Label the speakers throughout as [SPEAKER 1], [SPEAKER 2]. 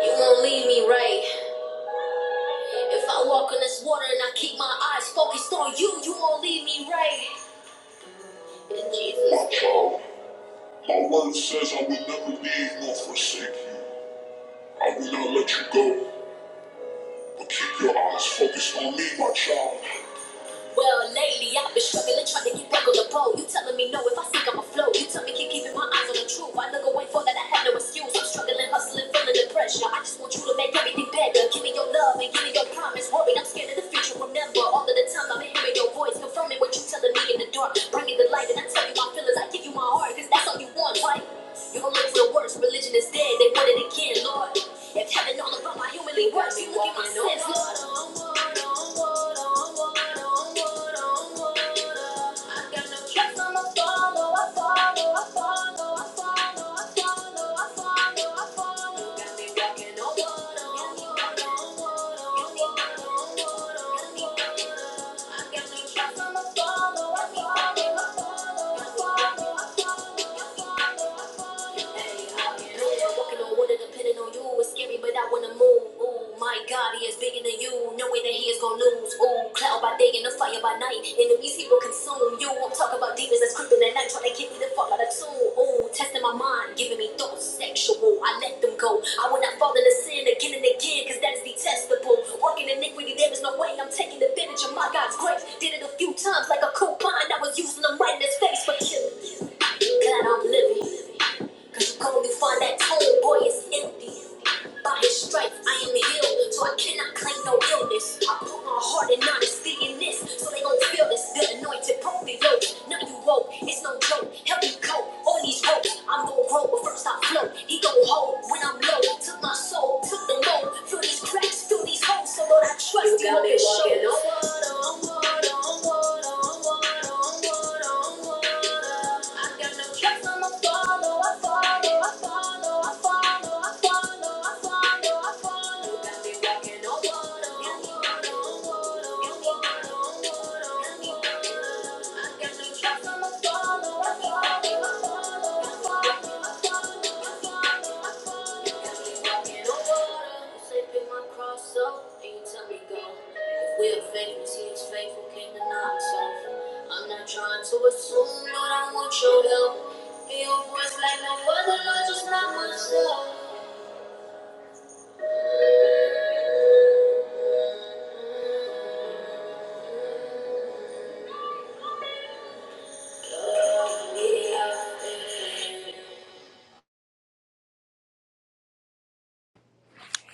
[SPEAKER 1] You won't leave me right. If I walk on this water and I keep my eyes focused on you, you won't leave me right. In Jesus. My child, my word says I will never leave nor forsake you. I will not let you go, but keep your eyes focused on me, my child. Well, lately I've been struggling, trying to get back on the boat. You telling me no if I think I'm afloat. You tell me keep keeping my eyes on the truth. I look away for that, I have no excuse. I'm struggling, hustling, feeling the pressure. I just want you to make everything better. Give me your love and give me your promise. Worried, I'm scared of the future. Remember, all of the time I've been hearing your voice, confirming what you telling me in the dark. Bringing the light, and I tell you my feelings. I give you my heart, cause that's all you want, right? You can look for the worst, religion is dead, they want it again, Lord. If heaven all about my humanly worst, look at my sins, Lord. Follow, I I'ma walking on water depending on you. It's scary, but I wanna move. Ooh, my God, he is bigger than you. Knowing that he is gonna lose. Ooh, cloud by day and a fire by night. Enemies he will consume you. I'm talking about demons that's creeping at night, trying to get me the fuck out of tune. Ooh, testing my mind, giving me thoughts sexual. I let them go. I will not fall into sin again and again, cause that is detestable. Working iniquity, there is no way I'm taking advantage of my God's grace. Did it a few times like a coupon. I was using them right in his face for killing. Glad I'm living. Cause you only find that homeboy is empty. By his stripes, I am healed, so I cannot claim no illness. I put my heart and honesty in this, so they gon' feel this. The anointed broke the yoke. Now you woke, it's no joke. Help me cope, all these hopes. I'm gon' grow, but first I float. He gon' hold when I'm low. Took my soul, took the load. Feel these cracks, feel these holes, so Lord, I trust you. You got me walking on I got no trust, I'ma follow, I follow, I follow, I follow. Walking on water, say my cross up, and you tell me go. If we're faithful, see it's faithful, came to knock so I'm not trying to assume, Lord, I want your help. Hear your voice like no other, Lord, just not myself. Yeah.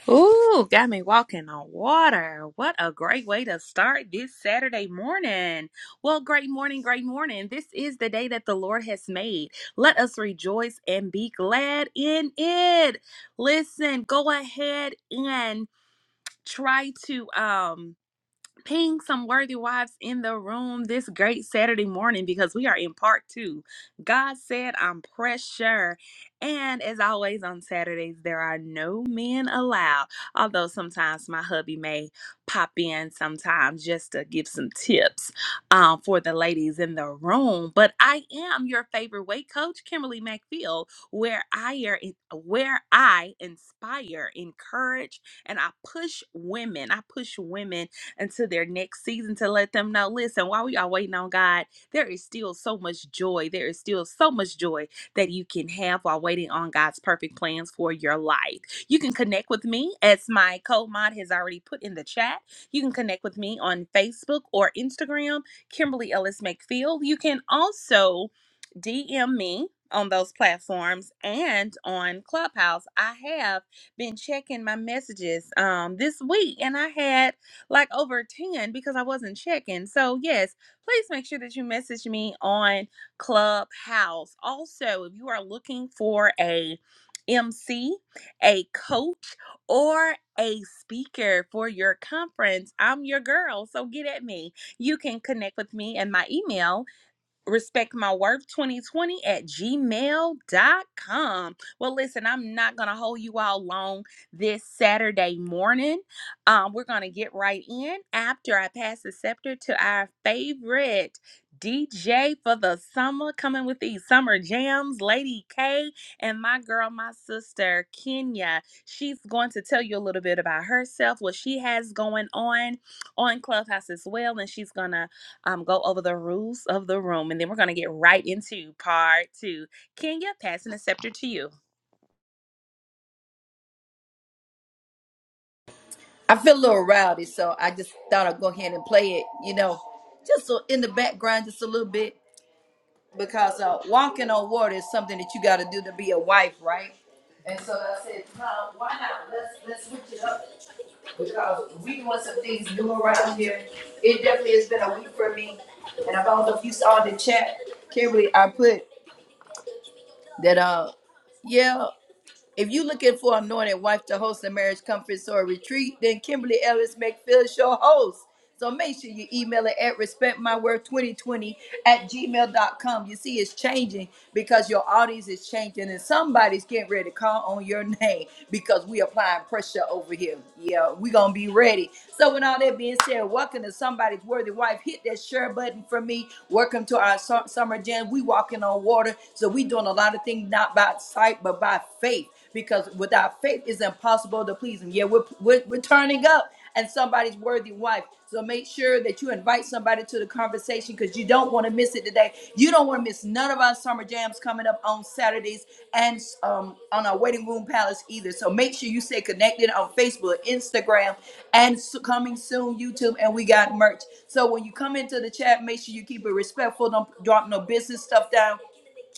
[SPEAKER 2] Ooh, got me walking on water. What a great way to start this Saturday morning. Well, great morning, great morning. This is the day that the Lord has made. Let us rejoice and be glad in it. Listen, go ahead and try to um ping some worthy wives in the room this great Saturday morning because we are in part two. God said, I'm pressure. And as always on Saturdays, there are no men allowed. Although sometimes my hubby may pop in sometimes just to give some tips um, for the ladies in the room. But I am your favorite weight coach, Kimberly McPhail, where I are where I inspire, encourage, and I push women. I push women until their next season to let them know listen, while we are waiting on God, there is still so much joy. There is still so much joy that you can have while waiting on God's perfect plans for your life. You can connect with me, as my co mod has already put in the chat. You can connect with me on Facebook or Instagram, Kimberly Ellis McField. You can also DM me on those platforms and on Clubhouse. I have been checking my messages um this week and I had like over 10 because I wasn't checking. So, yes, please make sure that you message me on Clubhouse. Also, if you are looking for a MC, a coach, or a speaker for your conference, I'm your girl. So get at me. You can connect with me and my email respectmyworth2020 at gmail.com. Well, listen, I'm not going to hold you all long this Saturday morning. Um, we're going to get right in after I pass the scepter to our favorite DJ for the summer, coming with these summer jams, Lady K, and my girl, my sister, Kenya. She's going to tell you a little bit about herself, what she has going on on Clubhouse as well, and she's going to um, go over the rules of the room, and then we're going to get right into part two. Kenya, passing the scepter to you.
[SPEAKER 1] I feel a little rowdy, so I just thought I'd go ahead and play it, you know, just so in the background, just a little bit, because uh, walking on water is something that you got to do to be a wife, right? And so I said, "Huh, why not? Let's let's switch it up. because we doing some things new around here. It definitely has been a week for me. And I don't know if you saw in the chat, Kimberly, I put that uh yeah if you are looking for an anointed wife to host a marriage conference or a retreat, then Kimberly Ellis McPhill is your host. So make sure you email it at respectmyword2020 at gmail.com. You see, it's changing because your audience is changing and somebody's getting ready to call on your name because we applying pressure over here. Yeah, we going to be ready. So with all that being said, welcome to Somebody's Worthy Wife. Hit that share button for me. Welcome to our su- summer jam. We walking on water. So we doing a lot of things not by sight, but by faith because without faith it's impossible to please him. Yeah, we're, we're, we're turning up and somebody's worthy wife. So make sure that you invite somebody to the conversation because you don't want to miss it today. You don't want to miss none of our summer jams coming up on Saturdays and um, on our Waiting Room Palace either. So make sure you stay connected on Facebook, Instagram, and s- coming soon YouTube. And we got merch. So when you come into the chat, make sure you keep it respectful. Don't drop no business stuff down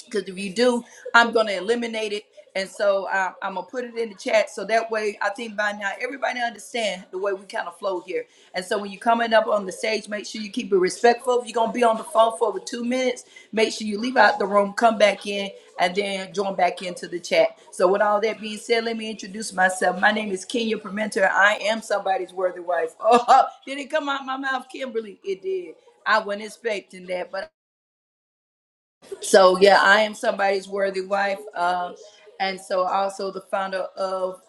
[SPEAKER 1] because if you do, I'm gonna eliminate it. And so uh, I'm gonna put it in the chat so that way I think by now everybody understand the way we kind of flow here. And so when you're coming up on the stage, make sure you keep it respectful. If you're gonna be on the phone for over two minutes, make sure you leave out the room, come back in, and then join back into the chat. So with all that being said, let me introduce myself. My name is Kenya Permenter. I am somebody's worthy wife. Oh, did it come out my mouth, Kimberly? It did. I wasn't expecting that, but so yeah, I am somebody's worthy wife. Um, and so also the founder of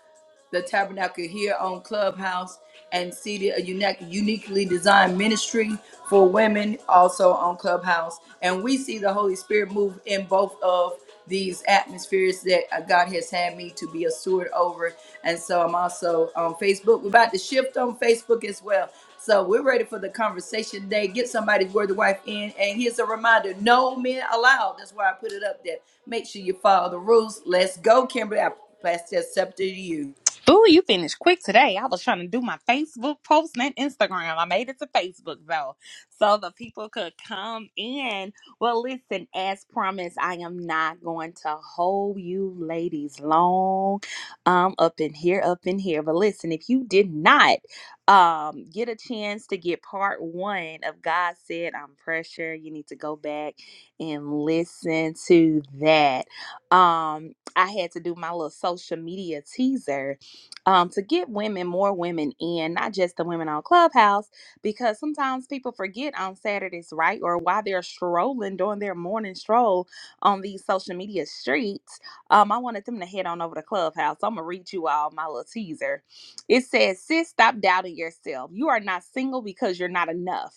[SPEAKER 1] the Tabernacle here on Clubhouse and see the unique, uniquely designed ministry for women also on Clubhouse. And we see the Holy Spirit move in both of these atmospheres that uh, God has had me to be a steward over. And so I'm also on Facebook. We're about to shift on Facebook as well. So we're ready for the conversation today. Get somebody's word of wife in. And here's a reminder no men allowed. That's why I put it up there. Make sure you follow the rules. Let's go, Kimberly. I pass that scepter to you.
[SPEAKER 2] Ooh, you finished quick today. I was trying to do my Facebook post and Instagram. I made it to Facebook though, so the people could come in. Well, listen, as promised, I am not going to hold you ladies long um up in here, up in here. But listen, if you did not um get a chance to get part one of God said I'm pressure, you need to go back and listen to that. Um I had to do my little social media teaser um, to get women, more women in, not just the women on Clubhouse, because sometimes people forget on Saturdays, right? Or while they're strolling, doing their morning stroll on these social media streets, um, I wanted them to head on over to Clubhouse. I'm going to read you all my little teaser. It says, Sis, stop doubting yourself. You are not single because you're not enough.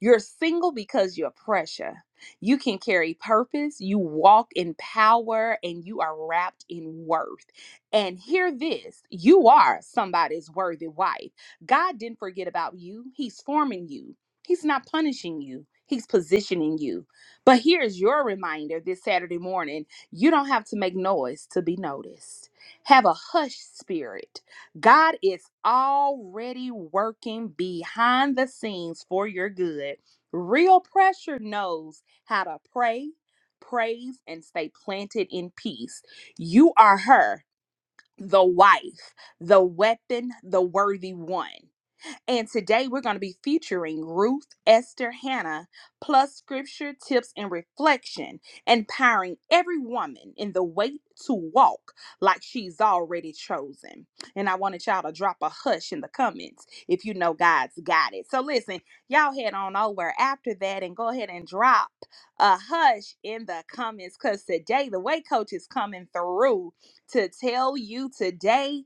[SPEAKER 2] You're single because you're pressure. You can carry purpose, you walk in power, and you are wrapped in worth. And hear this you are somebody's worthy wife. God didn't forget about you, He's forming you, He's not punishing you. He's positioning you. But here's your reminder this Saturday morning you don't have to make noise to be noticed. Have a hush spirit. God is already working behind the scenes for your good. Real pressure knows how to pray, praise, and stay planted in peace. You are her the wife, the weapon, the worthy one. And today we're going to be featuring Ruth Esther Hannah, plus scripture, tips, and reflection, empowering every woman in the way to walk like she's already chosen. And I wanted y'all to drop a hush in the comments if you know God's got it. So listen, y'all head on over after that and go ahead and drop a hush in the comments because today the weight coach is coming through to tell you today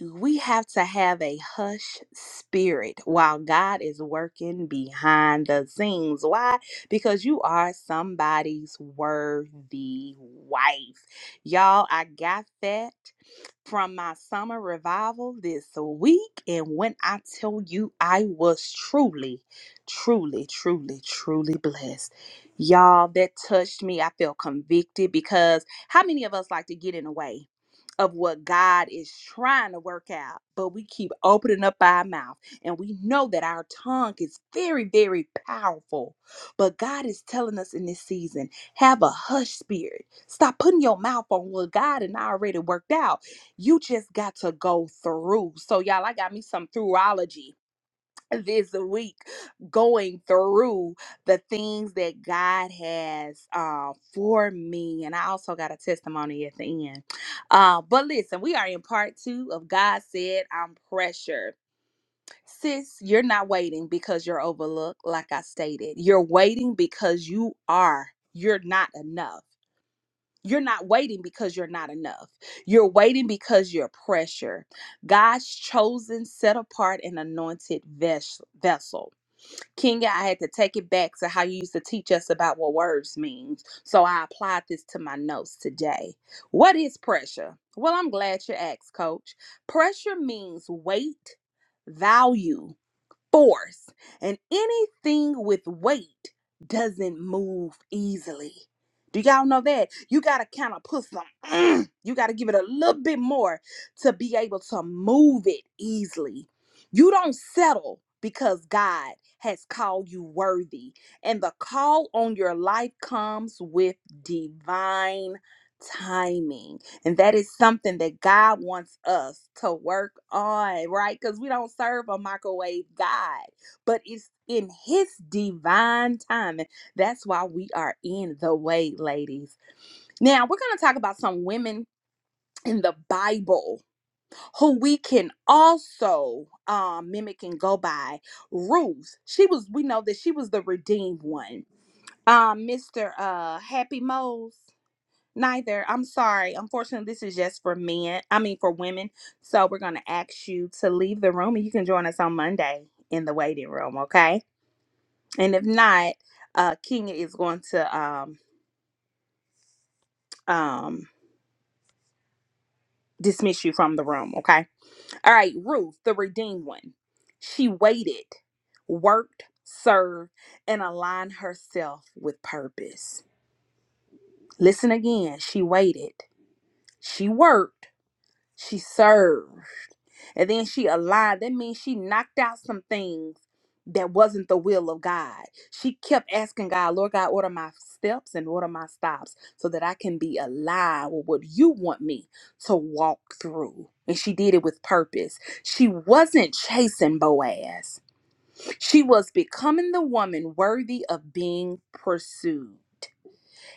[SPEAKER 2] we have to have a hush spirit while God is working behind the scenes. Why? Because you are somebody's worthy wife. Y'all, I got that from my summer revival this week. And when I tell you, I was truly, truly, truly, truly blessed. Y'all, that touched me. I felt convicted because how many of us like to get in the way? Of what God is trying to work out, but we keep opening up our mouth and we know that our tongue is very, very powerful. But God is telling us in this season have a hush spirit. Stop putting your mouth on what God and I already worked out you just got to go through. So, y'all, I got me some throughology this week going through the things that God has uh, for me. And I also got a testimony at the end. Uh, but listen, we are in part two of God Said I'm Pressure. Sis, you're not waiting because you're overlooked, like I stated. You're waiting because you are. You're not enough. You're not waiting because you're not enough. You're waiting because you're pressure. God's chosen, set apart, and anointed ves- vessel. Kenya, I had to take it back to how you used to teach us about what words means. So I applied this to my notes today. What is pressure? Well, I'm glad you asked, coach. Pressure means weight, value, force, and anything with weight doesn't move easily. Do y'all know that? You gotta kind of put some, mm, you gotta give it a little bit more to be able to move it easily. You don't settle because God has called you worthy, and the call on your life comes with divine timing. And that is something that God wants us to work on, right? Because we don't serve a microwave God, but it's in His divine timing. That's why we are in the way, ladies. Now, we're going to talk about some women in the Bible who we can also um, mimic and go by. Ruth, she was, we know that she was the redeemed one. Um, Mr. Uh, Happy Mose. Neither. I'm sorry. Unfortunately, this is just for men. I mean, for women. So we're going to ask you to leave the room and you can join us on Monday in the waiting room, okay? And if not, uh Kenya is going to um um dismiss you from the room, okay? All right, Ruth, the redeemed one. She waited, worked, served, and aligned herself with purpose. Listen again. She waited. She worked. She served And then she aligned. That means she knocked out some things that wasn't the will of God. She kept asking God, Lord God, order my steps and order my stops so that I can be aligned with what you want me to walk through. And she did it with purpose. She wasn't chasing Boaz, she was becoming the woman worthy of being pursued.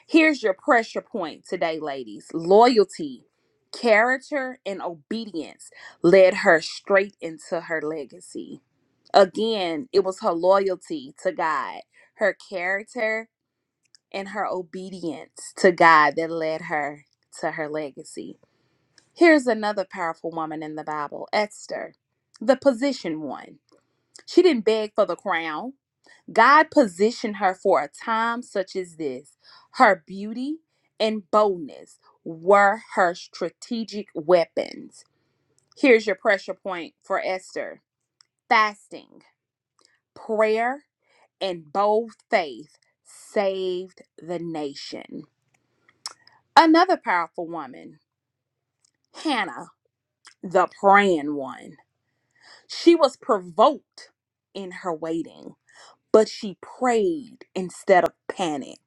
[SPEAKER 2] Here's your pressure point today, ladies loyalty, character, and obedience led her straight into her legacy. Again, it was her loyalty to God, her character, and her obedience to God that led her to her legacy. Here's another powerful woman in the Bible, Esther, the position one. She didn't beg for the crown. God positioned her for a time such as this. Her beauty and boldness were her strategic weapons. Here's your pressure point for Esther fasting, prayer, and bold faith saved the nation. Another powerful woman, Hannah, the praying one. She was provoked in her waiting, but she prayed instead of panic.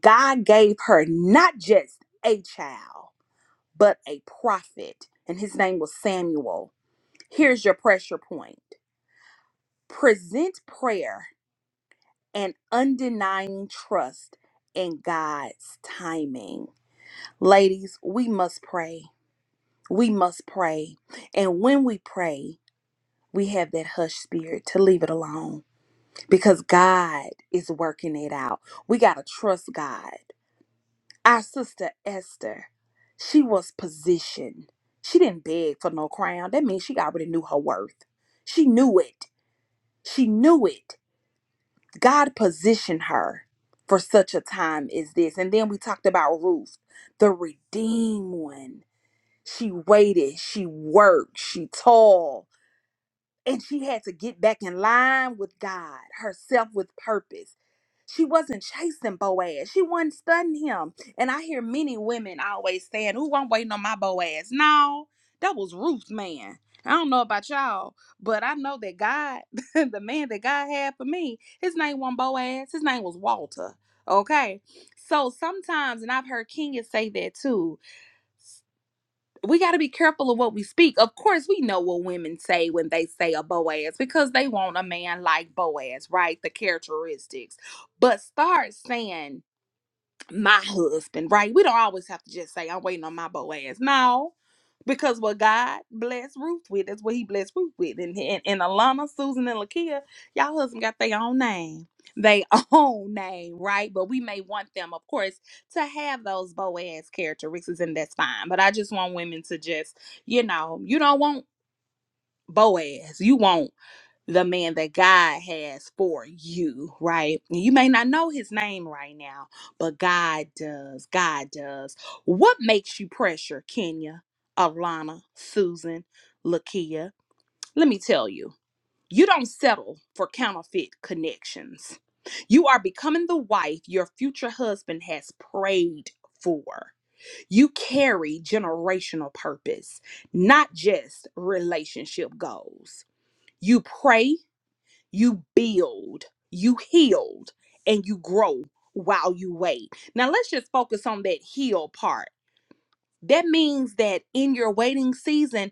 [SPEAKER 2] God gave her not just a child, but a prophet, and his name was Samuel. Here's your pressure point present prayer and undenying trust in God's timing. Ladies, we must pray. We must pray. And when we pray, we have that hush spirit to leave it alone because God is working it out. We got to trust God. Our sister Esther, she was positioned. She didn't beg for no crown. That means she already knew her worth. She knew it. She knew it. God positioned her for such a time as this. And then we talked about Ruth, the redeemed one. She waited, she worked, she toiled, and she had to get back in line with God, herself with purpose. She wasn't chasing Boaz. She wasn't studying him. And I hear many women always saying, Ooh, I'm waiting on my Boaz. No, that was Ruth, man. I don't know about y'all, but I know that God, the man that God had for me, his name wasn't Boaz. His name was Walter. Okay. So sometimes, and I've heard Kenya say that too we got to be careful of what we speak. Of course, we know what women say when they say a Boaz because they want a man like Boaz, right? The characteristics. But start saying my husband, right? We don't always have to just say, I'm waiting on my Boaz. No, because what God blessed Ruth with, that's what he blessed Ruth with. And, and, and Alana, Susan, and Lakia, y'all husband got their own name. They own name, right? But we may want them, of course, to have those Boaz characteristics, and that's fine. But I just want women to just, you know, you don't want Boaz. You want the man that God has for you, right? And You may not know his name right now, but God does. God does. What makes you pressure, Kenya, Alana, Susan, Lakia? Let me tell you, you don't settle for counterfeit connections. You are becoming the wife your future husband has prayed for. You carry generational purpose, not just relationship goals. You pray you build, you healed, and you grow while you wait. Now, let's just focus on that heal part. That means that in your waiting season,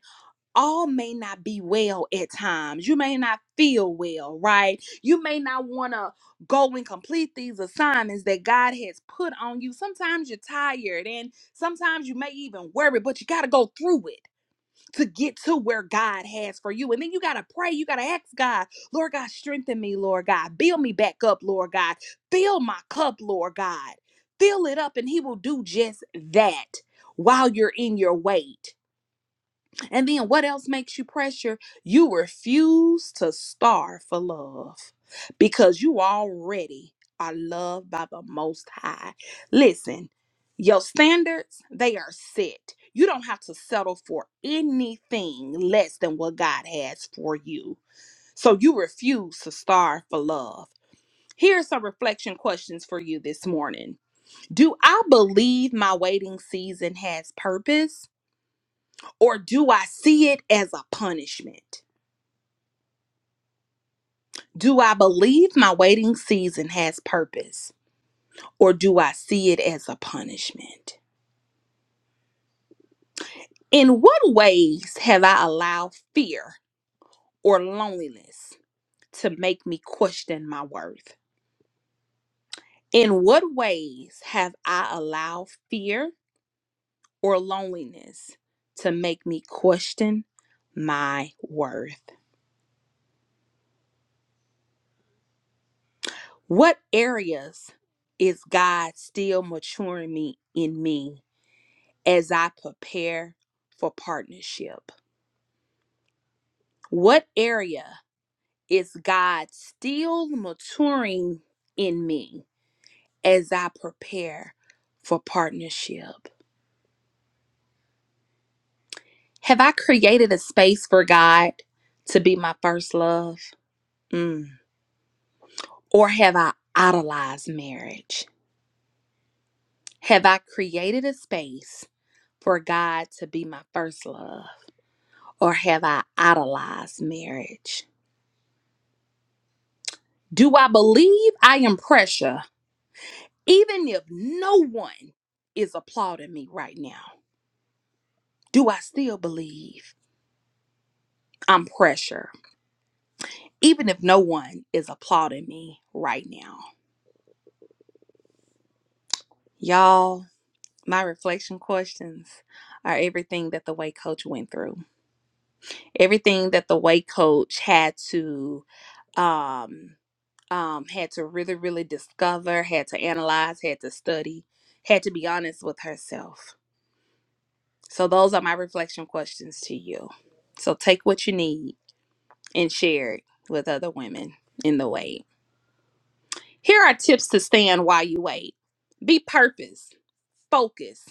[SPEAKER 2] all may not be well at times. You may not feel well, right? You may not want to go and complete these assignments that God has put on you. Sometimes you're tired and sometimes you may even worry, but you got to go through it to get to where God has for you. And then you got to pray. You got to ask God, Lord God, strengthen me, Lord God. Build me back up, Lord God. Fill my cup, Lord God. Fill it up, and He will do just that while you're in your wait. And then what else makes you pressure? You refuse to starve for love because you already are loved by the Most High. Listen, your standards, they are set. You don't have to settle for anything less than what God has for you. So you refuse to starve for love. Here are some reflection questions for you this morning. Do I believe my waiting season has purpose? Or do I see it as a punishment? Do I believe my waiting season has purpose? Or do I see it as a punishment? In what ways have I allowed fear or loneliness to make me question my worth? In what ways have I allowed fear or loneliness to make me question my worth? What areas is God still maturing me in me as I prepare for partnership? What area is God still maturing in me as I prepare for partnership? Have I created a space for God to be my first love? Mm. Or have I idolized marriage? Have I created a space for God to be my first love? Or have I idolized marriage? Do I believe I am pressure Even if no one is applauding me right now, do I still believe I'm pressure? Even if no one is applauding me right now. Y'all, my reflection questions are everything that the way coach went through. Everything that the way coach had to um um had to really really discover, had to analyze, had to study, had to be honest with herself. So those are my reflection questions to you. So take what you need and shared with other women in the wait. Here are tips to stand while you wait. Be purpose, focus,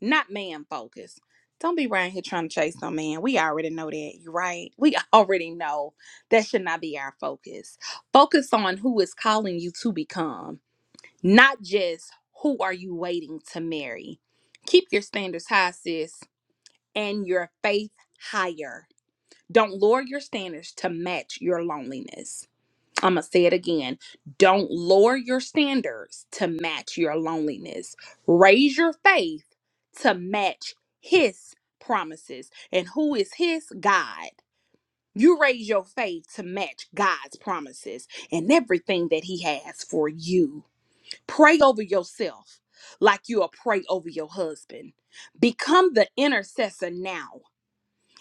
[SPEAKER 2] not man focus. Don't be around here trying to chase no man. We already know that, you right? We already know that should not be our focus. Focus on who is calling you to become, not just who are you waiting to marry. Keep your standards high, sis, and your faith higher. Don't lower your standards to match your loneliness. I'm going to say it again. Don't lower your standards to match your loneliness. Raise your faith to match His promises. And who is His? God. You raise your faith to match God's promises and everything that He has for you. Pray over yourself like you'll pray over your husband. Become the intercessor now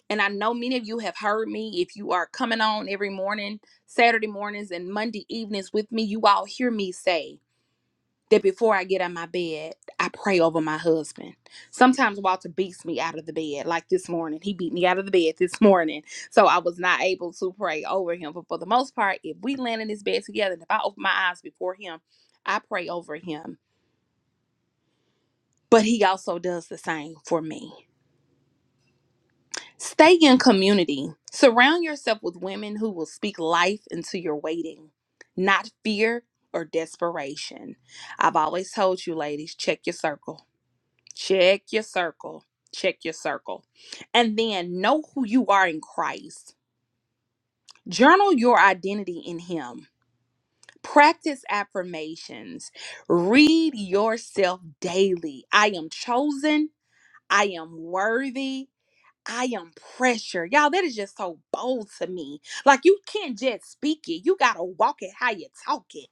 [SPEAKER 2] and I know many of you have heard me. If you are coming on every morning, Saturday mornings, and Monday evenings with me, you all hear me say that before I get out of my bed, I pray over my husband. Sometimes Walter beats me out of the bed, like this morning. He beat me out of the bed this morning. So I was not able to pray over him. But for the most part, if we land in this bed together and if I open my eyes before him, I pray over him. But he also does the same for me. Stay in community. Surround yourself with women who will speak life into your waiting, not fear or desperation. I've always told you, ladies, check your circle. Check your circle. Check your circle. And then know who you are in Christ. Journal your identity in Him. Practice affirmations. Read yourself daily. I am chosen. I am worthy. I am pressure. Y'all, that is just so bold to me. Like you can't just speak it. You gotta walk it how you talk it.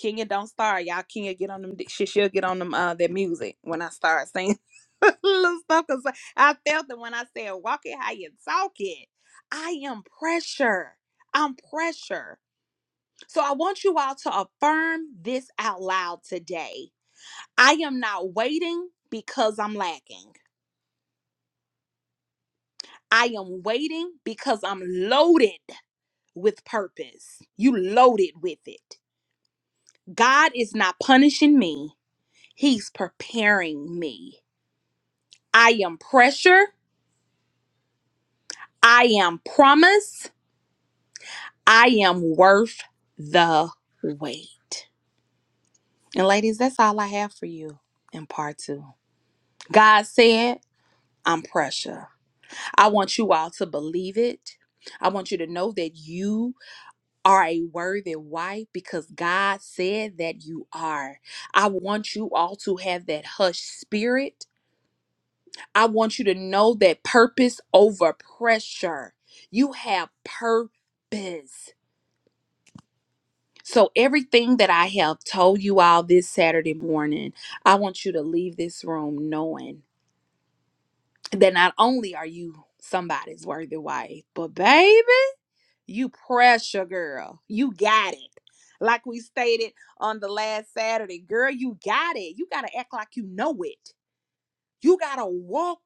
[SPEAKER 2] Kenya don't start. Y'all Kenya get on them she, she'll get on them uh that music when I start saying little stuff because I felt it when I said walk it how you talk it. I am pressure. I'm pressure. So I want you all to affirm this out loud today. I am not waiting because I'm lacking. I am waiting because I'm loaded with purpose. You loaded with it. God is not punishing me, He's preparing me. I am pressure. I am promise. I am worth the wait. And ladies, that's all I have for you in part two. God said, I'm pressure. I want you all to believe it. I want you to know that you are a worthy wife because God said that you are. I want you all to have that hush spirit. I want you to know that purpose over pressure. You have purpose. So, everything that I have told you all this Saturday morning, I want you to leave this room knowing that not only are you somebody's worthy wife, but baby. You pressure, girl. You got it. Like we stated on the last Saturday, girl, you got it. You got to act like you know it. You got to walk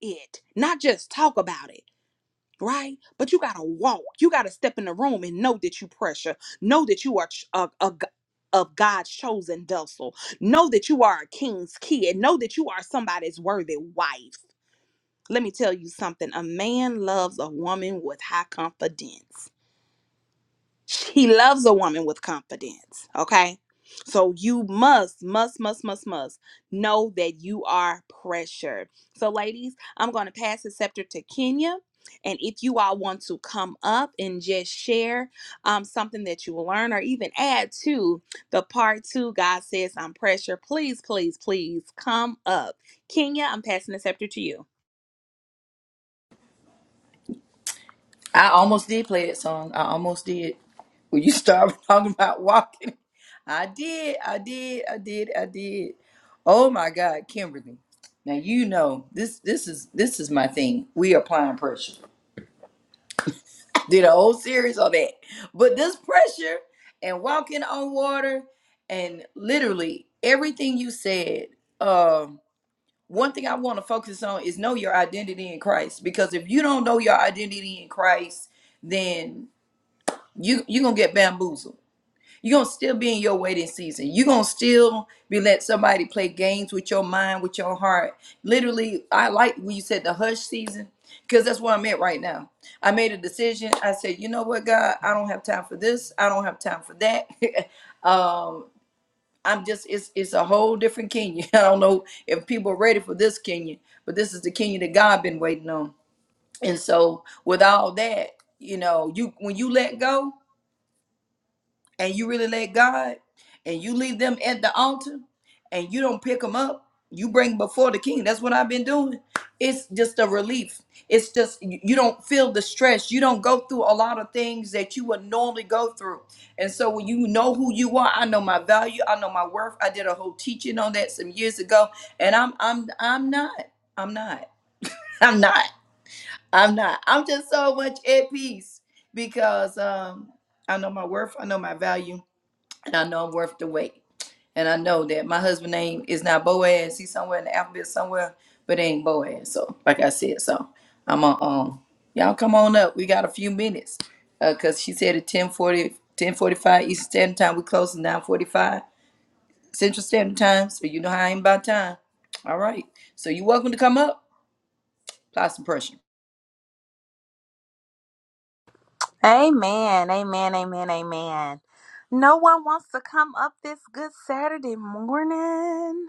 [SPEAKER 2] it, not just talk about it, right? But you got to walk. You got to step in the room and know that you pressure. Know that you are ch- a, a g- of God's chosen vessel. Know that you are a king's kid. Know that you are somebody's worthy wife. Let me tell you something. A man loves a woman with high confidence. He loves a woman with confidence. Okay. So you must, must, must, must, must know that you are pressured. So, ladies, I'm going to pass the scepter to Kenya. And if you all want to come up and just share um, something that you learn or even add to the part two, God says I'm pressure. Please, please, please come up. Kenya, I'm passing the scepter to you.
[SPEAKER 1] I almost did play that song. I almost did. When you started talking about walking, I did, I did, I did, I did. Oh my God, Kimberly. Now you know this. This is this is my thing. We applying pressure. Did a whole series on that, but this pressure and walking on water and literally everything you said. Um, one thing I want to focus on is know your identity in Christ. Because if you don't know your identity in Christ, then you you're gonna get bamboozled. You're gonna still be in your waiting season. You're gonna still be let somebody play games with your mind, with your heart. Literally, I like when you said the hush season, because that's where I'm at right now. I made a decision. I said, you know what, God, I don't have time for this. I don't have time for that. um, I'm just it's it's a whole different Kenya. I don't know if people are ready for this Kenya, but this is the Kenya that God been waiting on. And so with all that, you know, you when you let go, and you really let God and you leave them at the altar and you don't pick them up, you bring before the king. That's what I've been doing. It's just a relief. It's just you you don't feel the stress. You don't go through a lot of things that you would normally go through. And so when you know who you are, I know my value, I know my worth. I did a whole teaching on that some years ago, and I'm I'm I'm not. I'm not. I'm not. I'm not. I'm just so much at peace because um I know my worth, I know my value, and I know I'm worth the wait. And I know that my husband name is not Boaz. He's somewhere in the alphabet somewhere, but it ain't Boaz. So, like I said, so I'm on. Um, y'all come on up. We got a few minutes, Uh 'cause cause she said at 10:40, 10:45 Eastern Standard Time. We close at 9:45 Central Standard Time. So you know how I ain't about time. All right. So you're welcome to come up. Apply some pressure.
[SPEAKER 2] Amen, amen, amen, amen. No one wants to come up this good Saturday morning.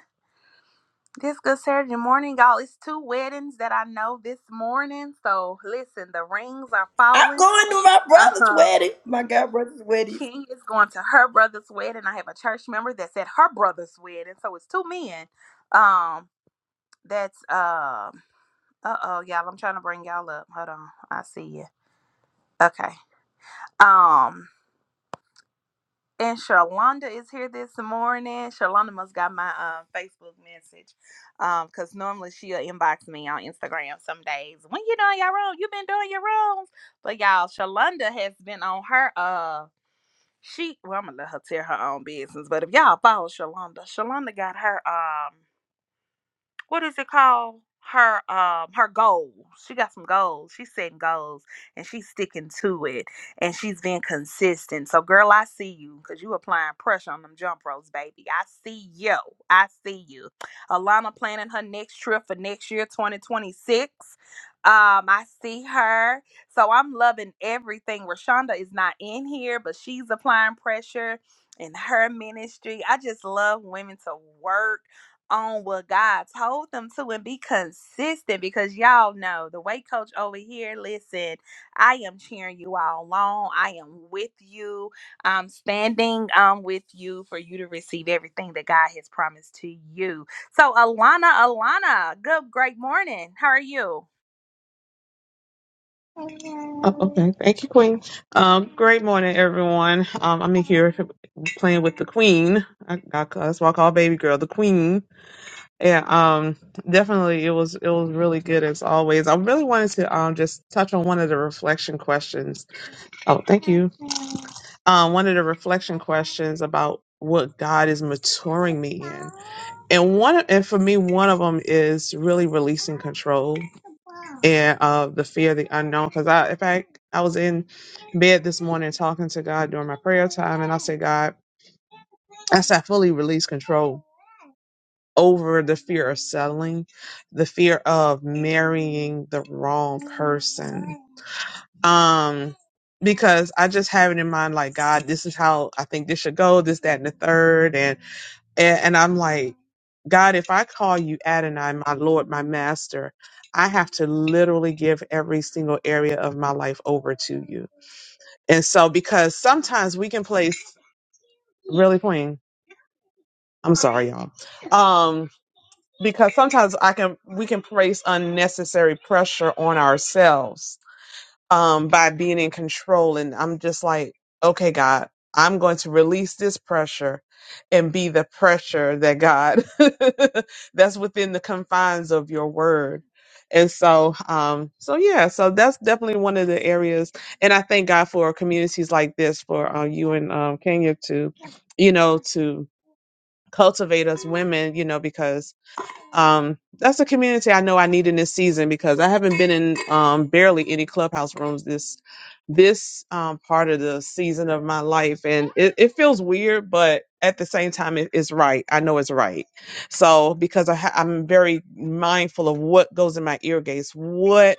[SPEAKER 2] This good Saturday morning, y'all. It's two weddings that I know this morning. So listen, the rings are
[SPEAKER 1] I'm
[SPEAKER 2] falling.
[SPEAKER 1] going to my
[SPEAKER 2] Uh
[SPEAKER 1] brother's
[SPEAKER 2] huh.
[SPEAKER 1] wedding. My god brother's wedding.
[SPEAKER 2] King is going to her brother's wedding. I have a church member that's at her brother's wedding. So it's two men. Um, that's um. Uh oh, y'all. I'm trying to bring y'all up. Hold on. I see you. Okay. Um. And Shalonda is here this morning. Shalonda must got my um, Facebook message um, because normally she'll inbox me on Instagram some days. When you doing your room, you been doing your rooms. But y'all, Shalonda has been on her uh she well I'm gonna let her tell her own business. But if y'all follow Shalonda, Shalonda got her um what is it called? Her um her goals. She got some goals. She's setting goals and she's sticking to it and she's being consistent. So girl, I see you because you applying pressure on them jump ropes, baby. I see you. I see you. Alana planning her next trip for next year, 2026. Um, I see her. So I'm loving everything. Rashonda is not in here, but she's applying pressure in her ministry. I just love women to work on what God told them to and be consistent because y'all know the weight coach over here. Listen, I am cheering you all along. I am with you. I'm standing um with you for you to receive everything that God has promised to you. So Alana, Alana, good great morning. How are you?
[SPEAKER 3] Oh, okay. Thank you, Queen. Um, great morning, everyone. Um, I'm in here playing with the Queen. I, I, that's why I call baby girl the Queen. And um, definitely, it was it was really good as always. I really wanted to um just touch on one of the reflection questions. Oh, thank you. Um, one of the reflection questions about what God is maturing me in, and one and for me, one of them is really releasing control and uh, the fear of the unknown. Because I, in fact, I was in bed this morning talking to God during my prayer time, and I said, God, I said, I fully release control over the fear of settling, the fear of marrying the wrong person. Um, because I just have it in mind, like God, this is how I think this should go, this, that, and the third, and and, and I'm like. God, if I call you Adonai, my Lord, my Master, I have to literally give every single area of my life over to you. And so, because sometimes we can place really queen. I'm sorry, y'all. Um, because sometimes I can we can place unnecessary pressure on ourselves um, by being in control. And I'm just like, okay, God, I'm going to release this pressure and be the pressure that God that's within the confines of your word. And so, um, so yeah, so that's definitely one of the areas. And I thank God for communities like this, for uh, you and um, Kenya to, you know, to cultivate us women, you know, because um, that's a community I know I need in this season because I haven't been in um, barely any clubhouse rooms this this um, part of the season of my life, and it, it feels weird, but at the same time, it, it's right. I know it's right. So because I ha- I'm very mindful of what goes in my ear gates, what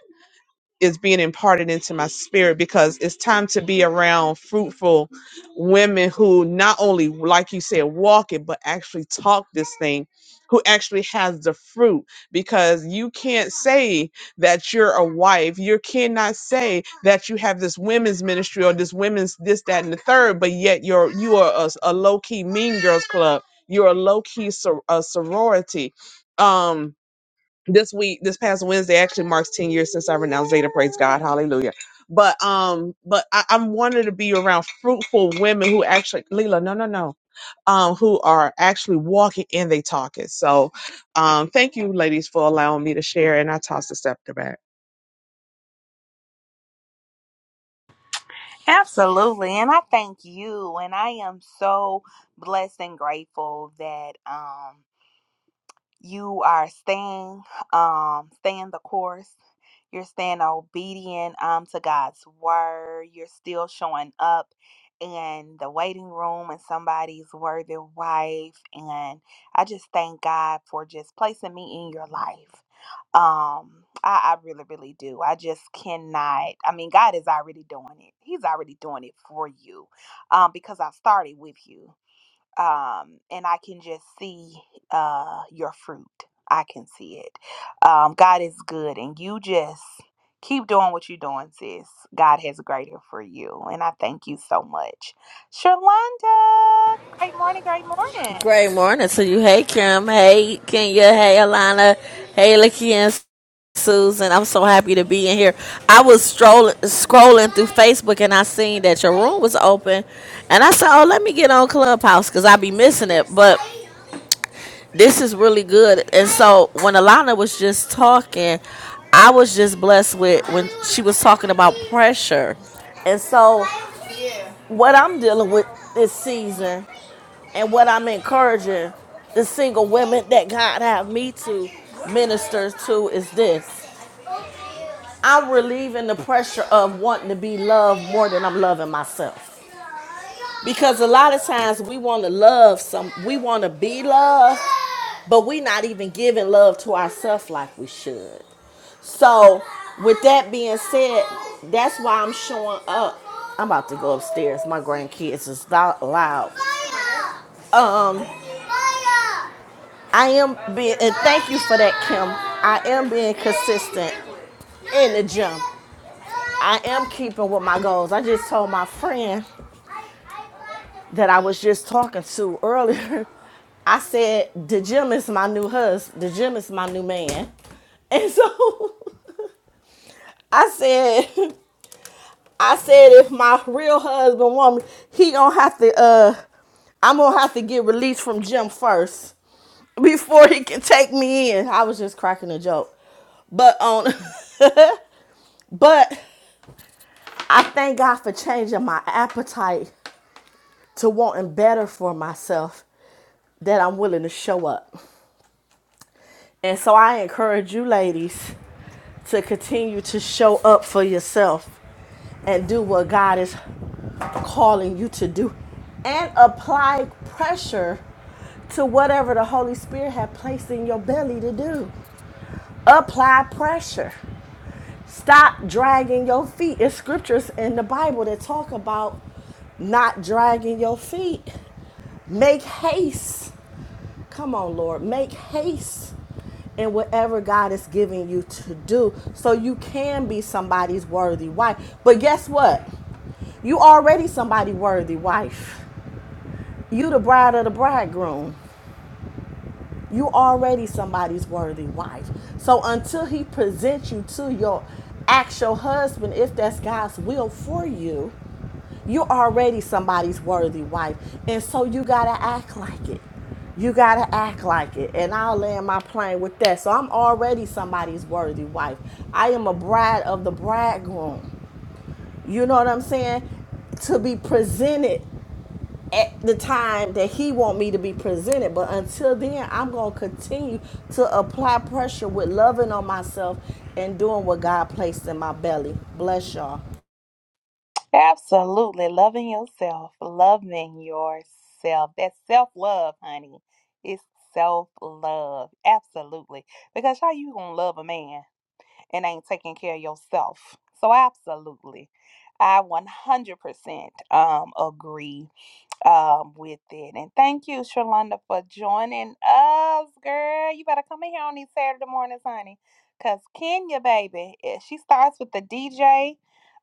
[SPEAKER 3] is being imparted into my spirit because it's time to be around fruitful women who not only like you said walk it but actually talk this thing who actually has the fruit because you can't say that you're a wife you cannot say that you have this women's ministry or this women's this that and the third but yet you're you are a, a a low-key mean girls club you're a low-key sor- a sorority um this week, this past Wednesday actually marks 10 years since I renounced Zeta. Praise God. Hallelujah. But um, but I, I'm wanting to be around fruitful women who actually Leela, no, no, no. Um, who are actually walking and they talking. So um thank you ladies for allowing me to share and I toss the scepter back.
[SPEAKER 2] Absolutely. And I thank you. And I am so blessed and grateful that um you are staying um staying the course You're staying obedient um, to God's word. You're still showing up in the waiting room and somebody's worthy wife. And I just thank God for just placing me in your life. Um, I, I really, really do. I just cannot. I mean, God is already doing it. He's already doing it for you um, because I started with you um, and I can just see uh, your fruit. I can see it. Um, God is good, and you just keep doing what you're doing, sis. God has greater for you, and I thank you so much, Shalonda. Great morning, great morning.
[SPEAKER 4] Great morning to you. Hey, Kim. Hey, Kenya. Hey, Alana. Hey, Lakia and Susan. I'm so happy to be in here. I was strolling, scrolling through Facebook and I seen that your room was open. And I said, oh, let me get on Clubhouse because I be missing it. But this is really good. And so when Alana was just talking, I was just blessed with when she was talking about pressure. And so what I'm dealing with this season and what I'm encouraging the single women that God have me to minister to is this. I'm relieving the pressure of wanting to be loved more than I'm loving myself. Because a lot of times we want to love some we want to be loved, but we not even giving love to ourselves like we should. So, with that being said, that's why I'm showing up. I'm about to go upstairs. My grandkids is lo- loud. Um, I am being, and thank you for that, Kim. I am being consistent in the gym. I am keeping with my goals. I just told my friend that I was just talking to earlier. I said, the gym is my new husband. The gym is my new man. And so I said, I said, if my real husband want me, he gonna have to, uh, I'm gonna have to get released from gym first. before he could take me in. I was just cracking a joke. But on but I thank God for changing my appetite to wanting better for myself that I'm willing to show up. And so I encourage you ladies to continue to show up for yourself and do what God is calling you to do and apply pressure to whatever the Holy Spirit had placed in your belly to do. apply pressure stop dragging your feet it's scriptures in the bible that talk about not dragging your feet make haste come on lord make haste in whatever god is giving you to do so you can be somebody's worthy wife but guess what you already somebody worthy wife you the bride of the bridegroom you already somebody's worthy wife. So until he presents you to your actual husband, if that's God's will for you, you're already somebody's worthy wife. And so you gotta act like it. You gotta act like it. And I'll land my plane with that. So I'm already somebody's worthy wife. I am a bride of the bridegroom. You know what I'm saying? To be presented at the time that he want me to be presented but until then i'm going to continue to apply pressure with loving on myself and doing what god placed in my belly bless y'all
[SPEAKER 2] Absolutely loving yourself, loving yourself. That's self love, honey. It's self love, absolutely. Because how you gonna love a man? and ain't taking care of yourself. So absolutely. I 100% um, agree um, with it. And thank you, Shalonda, for joining us, girl. You better come in here on these Saturday mornings, honey. Because Kenya, baby, eh, she starts with the DJ.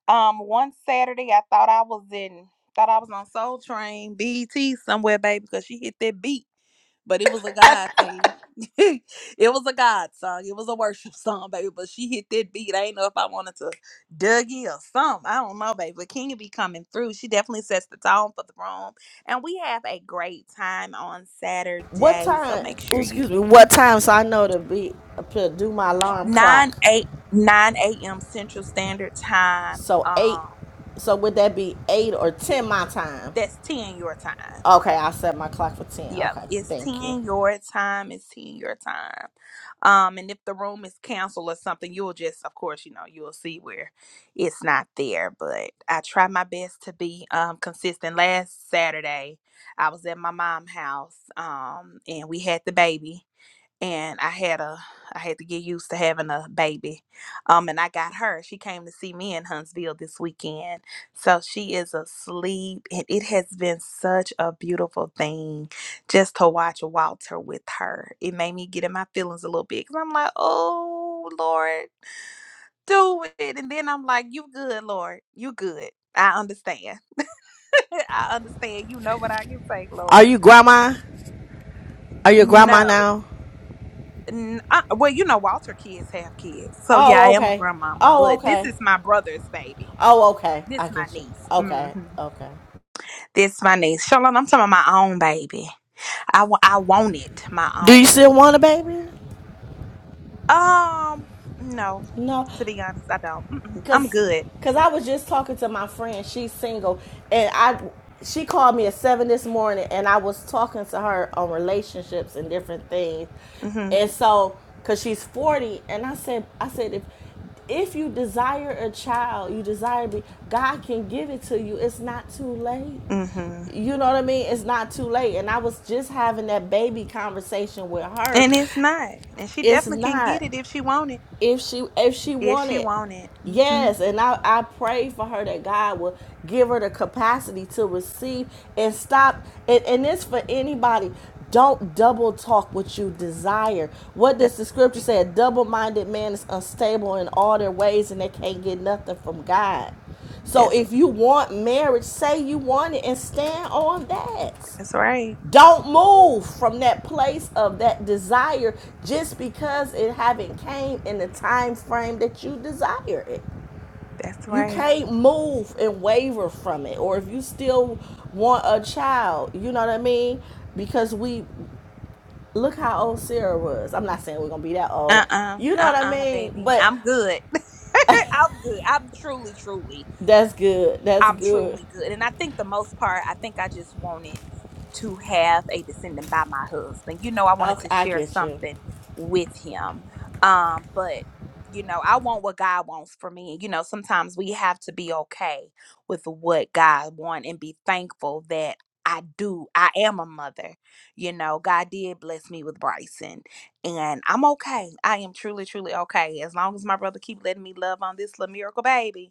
[SPEAKER 2] Um, one Saturday, I thought I was in, thought I was on Soul Train, BT somewhere, baby, because she hit that beat but it was a God thing. it was a God song. It was a worship song, baby. But she hit that beat. I ain't know if I wanted to Dougie or something. I don't know, baby. But Kenya be coming through. She definitely sets the tone for the room. And we have a great time on
[SPEAKER 4] what
[SPEAKER 2] Saturday. So
[SPEAKER 4] time
[SPEAKER 2] make sure
[SPEAKER 4] oh,
[SPEAKER 2] you
[SPEAKER 4] excuse me what time so i know to be to do my alarm
[SPEAKER 2] 9
[SPEAKER 4] clock
[SPEAKER 2] 8 9 a.m. Central Standard Time.
[SPEAKER 4] so eight
[SPEAKER 2] Um
[SPEAKER 4] so would that be eight or ten my time
[SPEAKER 2] that's 10 your time.
[SPEAKER 4] okay i set my clock for ten
[SPEAKER 2] Yep,
[SPEAKER 4] okay
[SPEAKER 2] it's
[SPEAKER 4] thank you
[SPEAKER 2] 10 your time. It's 10 your time. Um, and if the room is canceled or something, you'll just, of course, you know, you'll see where it's not there. But I try my best to be um, consistent. Last Saturday, I was at my mom's house um, and we had the baby and I had a I had to get used to having a baby. Um and I got her. She came to see me in Huntsville this weekend. So she is asleep and it has been such a beautiful thing just to watch Walter with her. It made me get in my feelings a little bit cuz I'm like, "Oh, Lord, do it." And then I'm like, "You good, Lord. You good. I understand. I understand. You know what I can take,
[SPEAKER 4] are
[SPEAKER 2] Lord."
[SPEAKER 4] you grandma are you grandma
[SPEAKER 2] No.
[SPEAKER 4] now
[SPEAKER 2] N- I, well, you know, Walter kids have kids, so yeah, I
[SPEAKER 4] oh
[SPEAKER 2] am a
[SPEAKER 4] okay
[SPEAKER 2] grandmama.
[SPEAKER 4] oh
[SPEAKER 2] But this
[SPEAKER 4] okay
[SPEAKER 2] is my brother's baby.
[SPEAKER 4] Oh, okay.
[SPEAKER 2] This
[SPEAKER 4] I
[SPEAKER 2] my
[SPEAKER 4] get you.
[SPEAKER 2] niece. hmm
[SPEAKER 4] Okay, okay.
[SPEAKER 2] This my niece. Charlotte, I'm talking about my own baby. I wa- I want it, my
[SPEAKER 4] Do you
[SPEAKER 2] own
[SPEAKER 4] still want a
[SPEAKER 2] baby.
[SPEAKER 4] baby?
[SPEAKER 2] Um, no,
[SPEAKER 4] No.
[SPEAKER 2] to be honest, I don't. Mm-mm, I'm
[SPEAKER 4] Cause,
[SPEAKER 2] good.
[SPEAKER 4] cause I was just talking to my friend. She's single, and I she called me at seven this morning, and I was talking to her on relationships and different things,
[SPEAKER 2] hmm
[SPEAKER 4] and so cause she's forty, and I said, I said if if you desire a child, you desire me, God can give it to you. It's not too late.
[SPEAKER 2] hmm
[SPEAKER 4] You know what I mean? It's not too late. And I was just having that baby conversation with her.
[SPEAKER 2] And it's not. And she
[SPEAKER 4] It's
[SPEAKER 2] definitely can get
[SPEAKER 4] not
[SPEAKER 2] it if she want it.
[SPEAKER 4] if she if she
[SPEAKER 2] If she
[SPEAKER 4] wanted
[SPEAKER 2] want it. hmm
[SPEAKER 4] yes and i i pray for her that god will give her the capacity to receive and stop and, and this for anybody don't double talk what you desire what
[SPEAKER 2] That's
[SPEAKER 4] does the scripture
[SPEAKER 2] right.
[SPEAKER 4] say a double-minded man is unstable in all their ways and they can't get nothing from god so
[SPEAKER 2] That's
[SPEAKER 4] if you want marriage say you want it and stand on that
[SPEAKER 2] that's right.
[SPEAKER 4] don't move from that place of that desire just because it haven't came in the time frame that you desire it.
[SPEAKER 2] That's
[SPEAKER 4] You
[SPEAKER 2] right.
[SPEAKER 4] can't move and waver from it. Or if you still want a child, you know what I mean? Because we look how old Sarah was. I'm not saying we're gonna be that
[SPEAKER 2] Uh
[SPEAKER 4] old. You know
[SPEAKER 2] uh-uh,
[SPEAKER 4] what I
[SPEAKER 2] uh,
[SPEAKER 4] mean?
[SPEAKER 2] baby.
[SPEAKER 4] But
[SPEAKER 2] I'm good. I'm good. I'm truly, truly.
[SPEAKER 4] that's good. That's
[SPEAKER 2] I'm
[SPEAKER 4] good.
[SPEAKER 2] truly good. And I think the most part, I think I just wanted to have a descendant by my husband. You know, I wanted
[SPEAKER 4] Okay,
[SPEAKER 2] to
[SPEAKER 4] I
[SPEAKER 2] share
[SPEAKER 4] get you.
[SPEAKER 2] something with him. Um, but you know, I want what God wants for me. You know, sometimes we have to be okay with what God wants and be thankful that I do. I am a mother. You know, God did bless me with Bryson, and I'm okay. I am truly, truly okay. As long as my brother keep letting me love on this little miracle baby,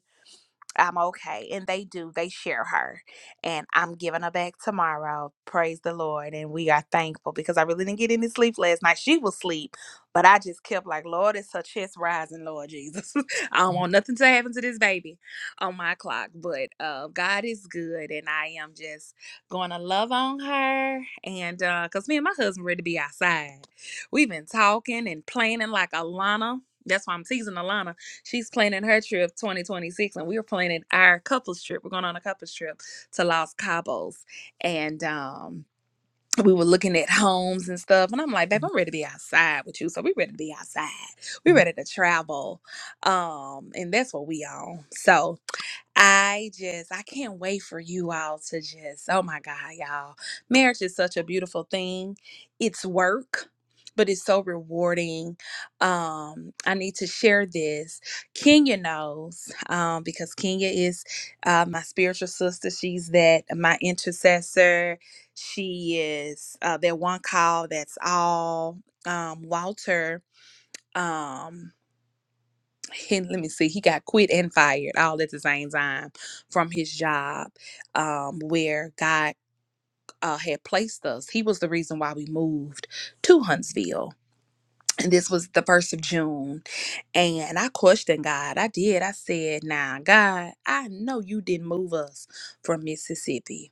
[SPEAKER 2] I'm okay. And they do, they share her. And I'm giving her back tomorrow. Praise the Lord. And we are thankful because I really didn't get any sleep last night. She was asleep, but I just kept like, Lord, it's her chest rising, Lord Jesus. I don't want nothing to happen to this baby on my clock. But uh, God is good. And I am just going to love on her. And because me and my husband ready to be outside. We've been talking and planning like Alana. That's why I'm teasing Alana She's planning her trip 2026, and we were planning our couples trip. We're going on a couples trip to Los Cabos, and um, we were looking at homes and stuff. And I'm like, babe, I'm ready to be outside with you, so we ready to be outside. We ready to travel, um, and that's what we on. So I just, I can't wait for you all to just, oh my God, y'all. Marriage is such a beautiful thing. It's work, but it's so rewarding. Um, I need to share this. Kenya knows um, because Kenya is uh, my spiritual sister. She's that, my intercessor. She is uh, that one call that's all. Um, Walter. Um, and let me see, he got quit and fired all at the same time from his job um, where God uh, had placed us. He was the reason why we moved to Huntsville. And this was the first of June. And I questioned God. I did. I said, Now, God, I know you didn't move us from Mississippi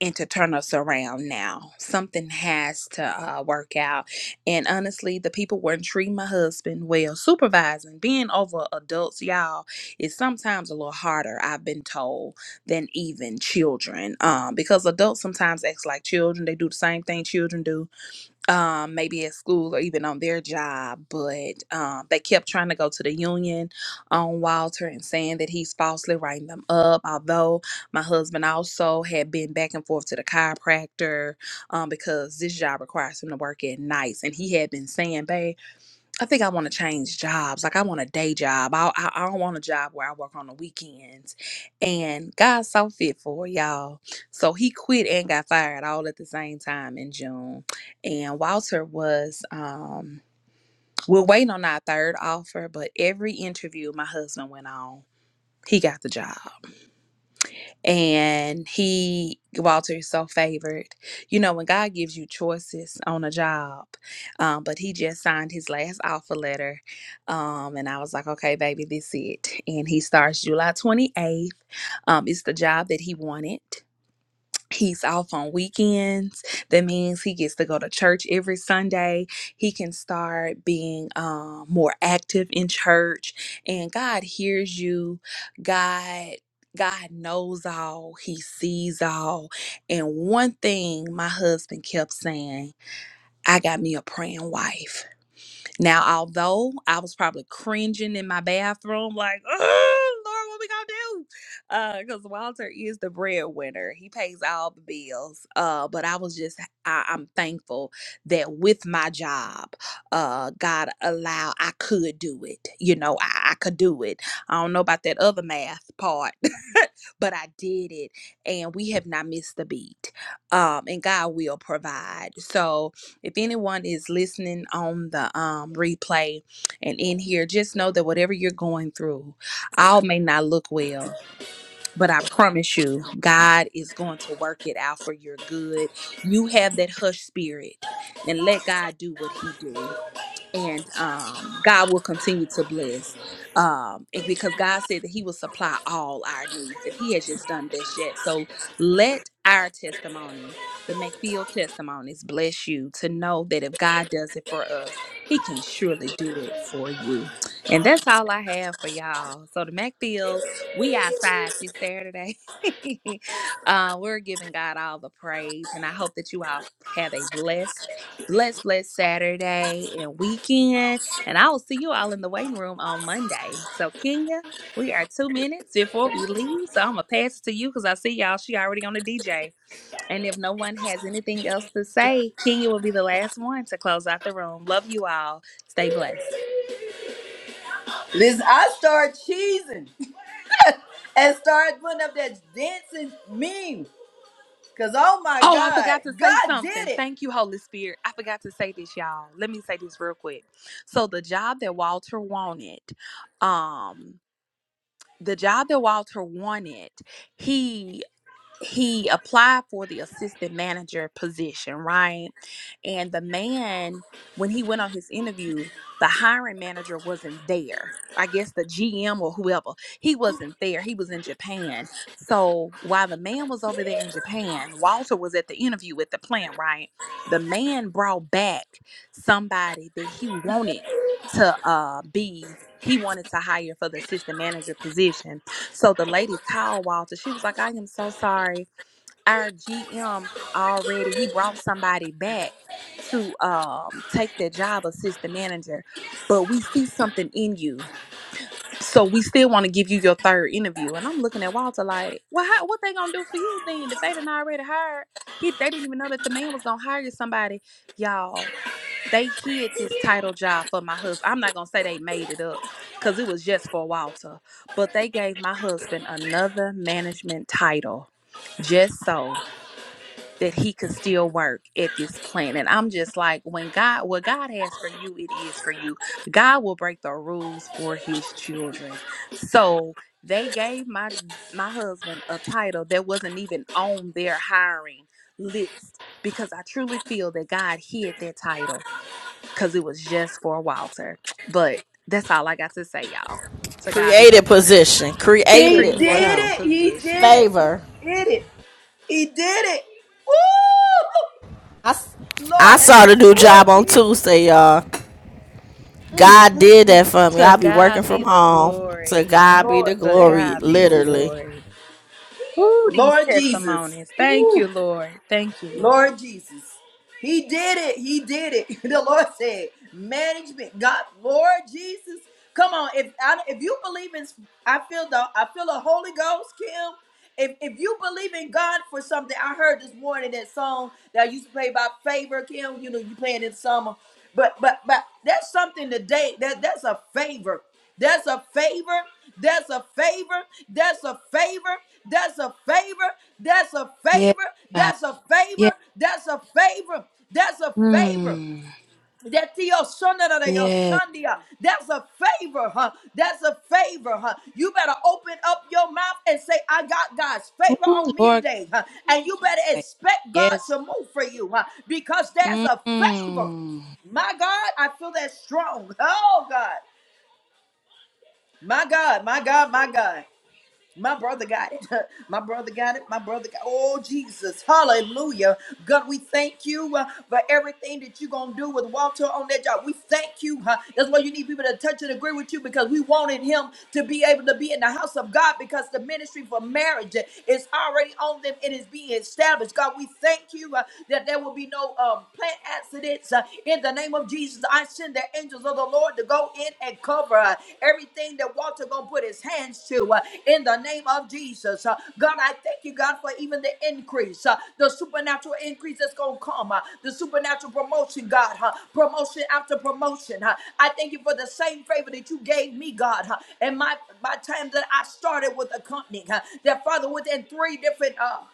[SPEAKER 2] and to turn us around now. Something has to uh, work out. And honestly, the people weren't treating my husband well. Supervising, being over adults, y'all, is sometimes a little harder, I've been told, than even children. Um, because adults sometimes act like children. They do the same thing children do um, maybe at school or even on their job, but um, they kept trying to go to the union on Walter and saying that he's falsely writing them up. Although my husband also had been back and forth to the chiropractor um, because this job requires him to work at nights, and he had been saying, "Babe." I think I want to change jobs. Like I want a day job. I, I I don't want a job where I work on the weekends. And God's so faithful, y'all. So he quit and got fired all at the same time in June. And Walter was um we're waiting on our third offer, but every interview my husband went on, he got the job and he Walter is so favored. You know, when God gives you choices on a job, um, but he just signed his last offer letter, um, and I was like, okay, baby, this it. And he starts July 28th. Um, it's the job that he wanted. He's off on weekends. That means he gets to go to church every Sunday. He can start being um, more active in church, and God hears you. God. God knows all, He sees all. And one thing my husband kept saying, I got me a praying wife. Now, although I was probably cringing in my bathroom, like, oh, Lord, what we gonna do? Because Walter is the breadwinner, he pays all the bills. Uh, but I was just, I, I'm thankful that with my job, uh, God allowed I could do it. You know, I, I could do it. I don't know about that other math part, but I did it, and we have not missed a beat. Um, and God will provide. So, if anyone is listening on the um, replay and in here, just know that whatever you're going through, all may not look well. But I promise you, God is going to work it out for your good. You have that hush spirit and let God do what he do and um, God will continue to bless. Um, and because God said that He will supply all our needs, and He has just done this yet. So let our testimony, the McField testimonies, bless you to know that if God does it for us, He can surely do it for you. And that's all I have for y'all. So the McFields, we outside this Saturday. uh, we're giving God all the praise, and I hope that you all have a blessed blessed, blessed Saturday and weekend. And I will see you all in the waiting room on Monday. So, Kenya, we are two minutes before we leave. So, I'm going to pass it to you because I see y'all. She already on the DJ. And if no one has anything else to say, Kenya will be the last one to close out the room. Love you all. Stay blessed.
[SPEAKER 1] Listen, I start cheesing. and start putting up that dancing meme. Cause oh my
[SPEAKER 2] Oh, I
[SPEAKER 1] God,
[SPEAKER 2] forgot to say
[SPEAKER 1] God did
[SPEAKER 2] something.
[SPEAKER 1] it.
[SPEAKER 2] Thank you, Holy Spirit. I forgot to say this, y'all. Let me say this real quick. So the job that Walter wanted, um, the job that Walter wanted, he he applied for the assistant manager position, right? And the man, when he went on his interview, the hiring manager wasn't there. I guess the GM or whoever, he wasn't there. He was in Japan. So while the man was over there in Japan, Walter was at the interview at the plant, right? The man brought back somebody that he wanted to uh, be, he wanted to hire for the assistant manager position so the lady called Walter. She was like, I am so sorry. Our GM already, he brought somebody back to um take their job assistant manager, but we see something in you. So we still want to give you your third interview. And I'm looking at Walter like, well, how, what they gonna do for you then? If they didn't already hire, he they didn't even know that the man was gonna hire somebody. Y'all, they hid this title job for my husband. I'm not gonna say they made it up because it was just for Walter, but they gave my husband another management title just so that he could still work at this plant. And I'm just like, when God, what God has for you, it is for you. God will break the rules for his children. So they gave my my husband a title that wasn't even on their hiring list because I truly feel that God hid that title because it was just for Walter. But that's all I got to say, y'all. To God be the
[SPEAKER 4] Created
[SPEAKER 2] glory.
[SPEAKER 4] position.
[SPEAKER 1] He
[SPEAKER 4] Created it for
[SPEAKER 1] did
[SPEAKER 2] Created
[SPEAKER 4] him.
[SPEAKER 1] it. He did
[SPEAKER 2] position.
[SPEAKER 1] it.
[SPEAKER 4] Favor.
[SPEAKER 1] He did it. He did it. Woo!
[SPEAKER 4] I I
[SPEAKER 1] Lord
[SPEAKER 4] saw the
[SPEAKER 1] Hammer.
[SPEAKER 4] new
[SPEAKER 1] Woo,
[SPEAKER 4] job on
[SPEAKER 1] Jesus.
[SPEAKER 4] Tuesday, y'all. God did that for me.
[SPEAKER 2] To
[SPEAKER 4] I'll be working
[SPEAKER 2] God be
[SPEAKER 4] from
[SPEAKER 2] the
[SPEAKER 4] home. To
[SPEAKER 2] glory.
[SPEAKER 4] God be
[SPEAKER 1] Lord,
[SPEAKER 4] the
[SPEAKER 2] To
[SPEAKER 1] thank
[SPEAKER 4] glory,
[SPEAKER 1] you,
[SPEAKER 2] God be the
[SPEAKER 1] Jesus.
[SPEAKER 4] literally.
[SPEAKER 2] glory. Ooh, these
[SPEAKER 1] Lord Jesus.
[SPEAKER 2] testimonies. Thank
[SPEAKER 1] Woo.
[SPEAKER 2] you, Lord. Thank you, Lord.
[SPEAKER 1] Lord Jesus. He did it. He did it. The Lord said, management. God, Lord Jesus. Come on. If I, if you believe in, I feel the I feel the Holy Ghost, Kim. If, if you believe in God for something, I heard this morning that song that I used to play by favor, Kim. You know, you playing in summer. but but but but that's something today. That that's a favor. That's a favor. That's a favor. That's a favor. That's a favor. That's a
[SPEAKER 2] Yes,
[SPEAKER 1] favor.
[SPEAKER 2] God.
[SPEAKER 1] That's a favor.
[SPEAKER 2] Yes.
[SPEAKER 1] That's a favor. That's a favor.
[SPEAKER 2] Mm.
[SPEAKER 1] That the Osunda da your
[SPEAKER 2] Yes.
[SPEAKER 1] Sundia, that's a favor, huh? That's a favor, huh? You better open up your mouth and say, I got God's favor
[SPEAKER 2] Ooh,
[SPEAKER 1] on me
[SPEAKER 2] Lord
[SPEAKER 1] today, huh? And you better
[SPEAKER 2] God.
[SPEAKER 1] expect God
[SPEAKER 2] Yes.
[SPEAKER 1] to move for you, huh? Because there's a favor.
[SPEAKER 2] Mm.
[SPEAKER 1] My God, I feel that strong. Oh God. My God, my God, my God. My brother got it. My brother got it. My brother got Oh, Jesus. Hallelujah. God, we thank you uh, for everything that you're going to do with Walter on that job. We thank you. huh? That's why you need people to touch and agree with you because we wanted him to be able to be in the house of God because the ministry for marriage is already on them and is being established. God, we thank you uh, that there will be no um, plant accidents uh, in the name of Jesus. I send the angels of the Lord to go in and cover uh, everything that Walter gonna put his hands to uh, in the name of Jesus. Uh, God, I thank you, God, for even the increase, uh, the supernatural increase that's gonna come, uh, the supernatural promotion, God, huh? promotion after promotion. huh? I thank you for the same favor that you gave me, God, huh? and my my time that I started with a company. huh? That Father, within three different. uh,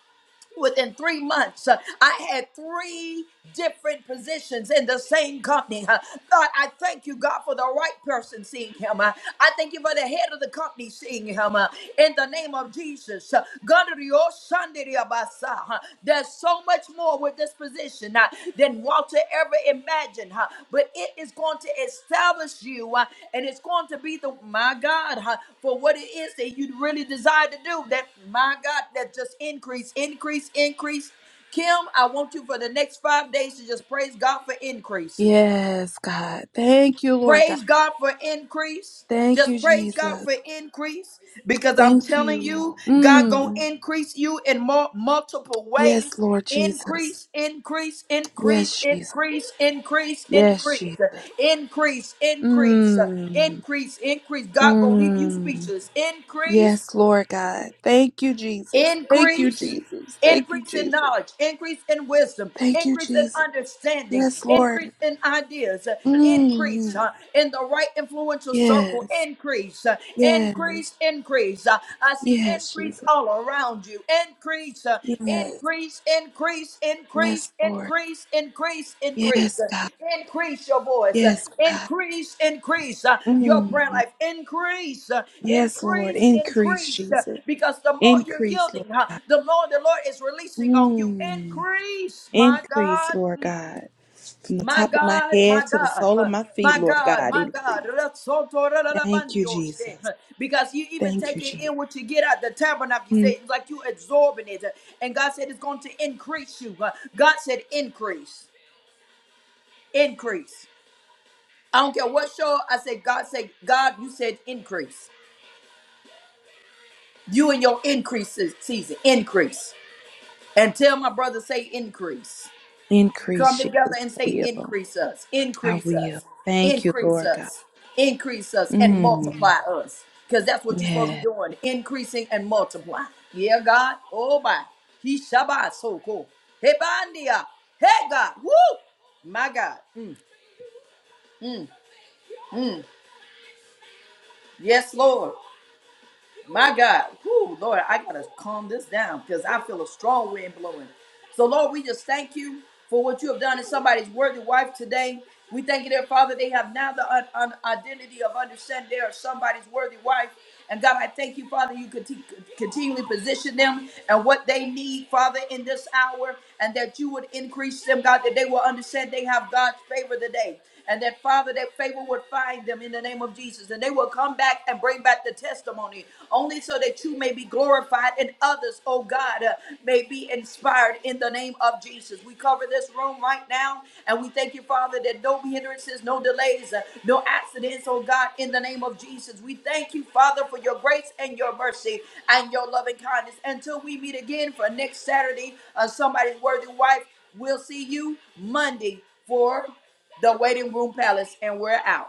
[SPEAKER 1] Within three months, uh, I had three different positions in the same company. Uh, God, I thank you, God, for the right person seeing him. Uh, I thank you for the head of the company seeing him. uh, in the name of Jesus. Uh, God, your son, did he about, uh, There's so much more with this position position uh, than Walter ever imagined, huh? but it is going to establish you uh, and it's going to be the, my God, huh, for what it is that you really desire to do. That, my God, that just increase, increase, increase. Kim, I want you for the next five days to just praise God for increase.
[SPEAKER 2] Yes, God. Thank you, Lord God.
[SPEAKER 1] Praise God for increase.
[SPEAKER 2] Thank you,
[SPEAKER 1] Just praise God
[SPEAKER 2] Jesus.
[SPEAKER 1] for increase because I'm
[SPEAKER 2] Thank
[SPEAKER 1] telling you,
[SPEAKER 2] you.
[SPEAKER 1] God gonna
[SPEAKER 2] Mm.
[SPEAKER 1] increase you in more multiple
[SPEAKER 2] Yes,
[SPEAKER 1] ways.
[SPEAKER 2] Lord Jesus.
[SPEAKER 1] Increase, increase, increase,
[SPEAKER 2] Yes, Jesus.
[SPEAKER 1] increase, increase,
[SPEAKER 2] Yes,
[SPEAKER 1] increase,
[SPEAKER 2] Jesus.
[SPEAKER 1] increase, increase,
[SPEAKER 2] Mmm.
[SPEAKER 1] increase, increase. God gonna leave you
[SPEAKER 2] Mmm.
[SPEAKER 1] speechless. Increase
[SPEAKER 2] Yes, Lord God. Thank you, Jesus. Thank you,
[SPEAKER 1] Increase,
[SPEAKER 2] Jesus. Thank you,
[SPEAKER 1] increase in
[SPEAKER 2] Jesus.
[SPEAKER 1] knowledge, increase in wisdom,
[SPEAKER 2] Thank you,
[SPEAKER 1] increase in
[SPEAKER 2] Jesus.
[SPEAKER 1] understanding,
[SPEAKER 2] Yes,
[SPEAKER 1] increase
[SPEAKER 2] Lord.
[SPEAKER 1] in ideas, uh, increase
[SPEAKER 2] Mmm.
[SPEAKER 1] uh, in the right influential circle,
[SPEAKER 2] Yes.
[SPEAKER 1] increase, uh,
[SPEAKER 2] Yes.
[SPEAKER 1] increase, increase. Uh, I see
[SPEAKER 2] Yes,
[SPEAKER 1] increase
[SPEAKER 2] Jesus.
[SPEAKER 1] all around you, increase, uh,
[SPEAKER 2] Yes.
[SPEAKER 1] increase increase,
[SPEAKER 2] Yes,
[SPEAKER 1] increase,
[SPEAKER 2] Lord.
[SPEAKER 1] increase, increase, increase.
[SPEAKER 2] Yes,
[SPEAKER 1] Increase
[SPEAKER 2] God.
[SPEAKER 1] Increase your voice.
[SPEAKER 2] Yes, God.
[SPEAKER 1] Increase, increase uh, your prayer
[SPEAKER 2] Mmm.
[SPEAKER 1] life. Increase, uh,
[SPEAKER 2] Yes, Lord.
[SPEAKER 1] increase,
[SPEAKER 2] Increase,
[SPEAKER 1] increase. uh,
[SPEAKER 2] Jesus.
[SPEAKER 1] Because the more you're
[SPEAKER 2] Increase, Lord
[SPEAKER 1] yielding, huh,
[SPEAKER 2] God.
[SPEAKER 1] the more the Lord is releasing on you.
[SPEAKER 2] Mmm.
[SPEAKER 1] Increase, my
[SPEAKER 2] Increase,
[SPEAKER 1] God.
[SPEAKER 2] Lord God. From the
[SPEAKER 1] My
[SPEAKER 2] top of my
[SPEAKER 1] God,
[SPEAKER 2] head
[SPEAKER 1] my
[SPEAKER 2] to the
[SPEAKER 1] God,
[SPEAKER 2] sole of
[SPEAKER 1] huh,
[SPEAKER 2] my feet,
[SPEAKER 1] my
[SPEAKER 2] Lord
[SPEAKER 1] God,
[SPEAKER 2] God,
[SPEAKER 1] my God.
[SPEAKER 2] increase. Thank you,
[SPEAKER 1] Rasotorarabandiyoshe,
[SPEAKER 2] Jesus.
[SPEAKER 1] huh, Because you even
[SPEAKER 2] Thank you,
[SPEAKER 1] take it
[SPEAKER 2] Jesus.
[SPEAKER 1] in what you get out the tabernacle. You say
[SPEAKER 2] Mm.
[SPEAKER 1] it's like you absorbing it. huh, And God said it's going to increase you. huh. God said increase, increase. I don't care what show. I said God said God. You said increase. You and your increase se- season increase. And tell my brother say increase.
[SPEAKER 2] Increase,
[SPEAKER 1] Come
[SPEAKER 2] Jesus.
[SPEAKER 1] together and
[SPEAKER 2] I
[SPEAKER 1] say,
[SPEAKER 2] will.
[SPEAKER 1] increase us,
[SPEAKER 2] I
[SPEAKER 1] increase
[SPEAKER 2] will.
[SPEAKER 1] us,
[SPEAKER 2] Thank you,
[SPEAKER 1] increase
[SPEAKER 2] Lord God.
[SPEAKER 1] us, increase us, and multiply
[SPEAKER 2] Mm.
[SPEAKER 1] us. Because that's what you're supposed
[SPEAKER 2] Yes.
[SPEAKER 1] to be doing, increasing and multiply. Yeah, God. Oh, my. He Shabbat so cool. Hey, Bandia. Hey, God. Woo. My God. Mm. Yes, Lord. My God, whoo, Lord, I gotta calm this down because I feel a strong wind blowing. So, Lord, we just thank you for what you have done in somebody's worthy wife today. We thank you, dear Father, they have now the un- un- identity of understanding they are somebody's worthy wife. And God, I thank you, Father, you conti- continually position them and what they need, Father, in this hour, and that you would increase them, God, that they will understand they have God's favor today. And that, Father, that favor would find them in the name of Jesus. And they will come come back and bring back the testimony, only so that you may be glorified and others, oh God, uh, may be inspired in the name of Jesus. We cover this room right now and we thank you, Father, that no hindrances, no delays, uh, no accidents, oh God, in the name of Jesus. We thank you, Father, for your grace and your mercy and your loving kindness. Until we meet again for next Saturday, uh, somebody's worthy wife, we'll see you Monday for the waiting room palace, and we're out.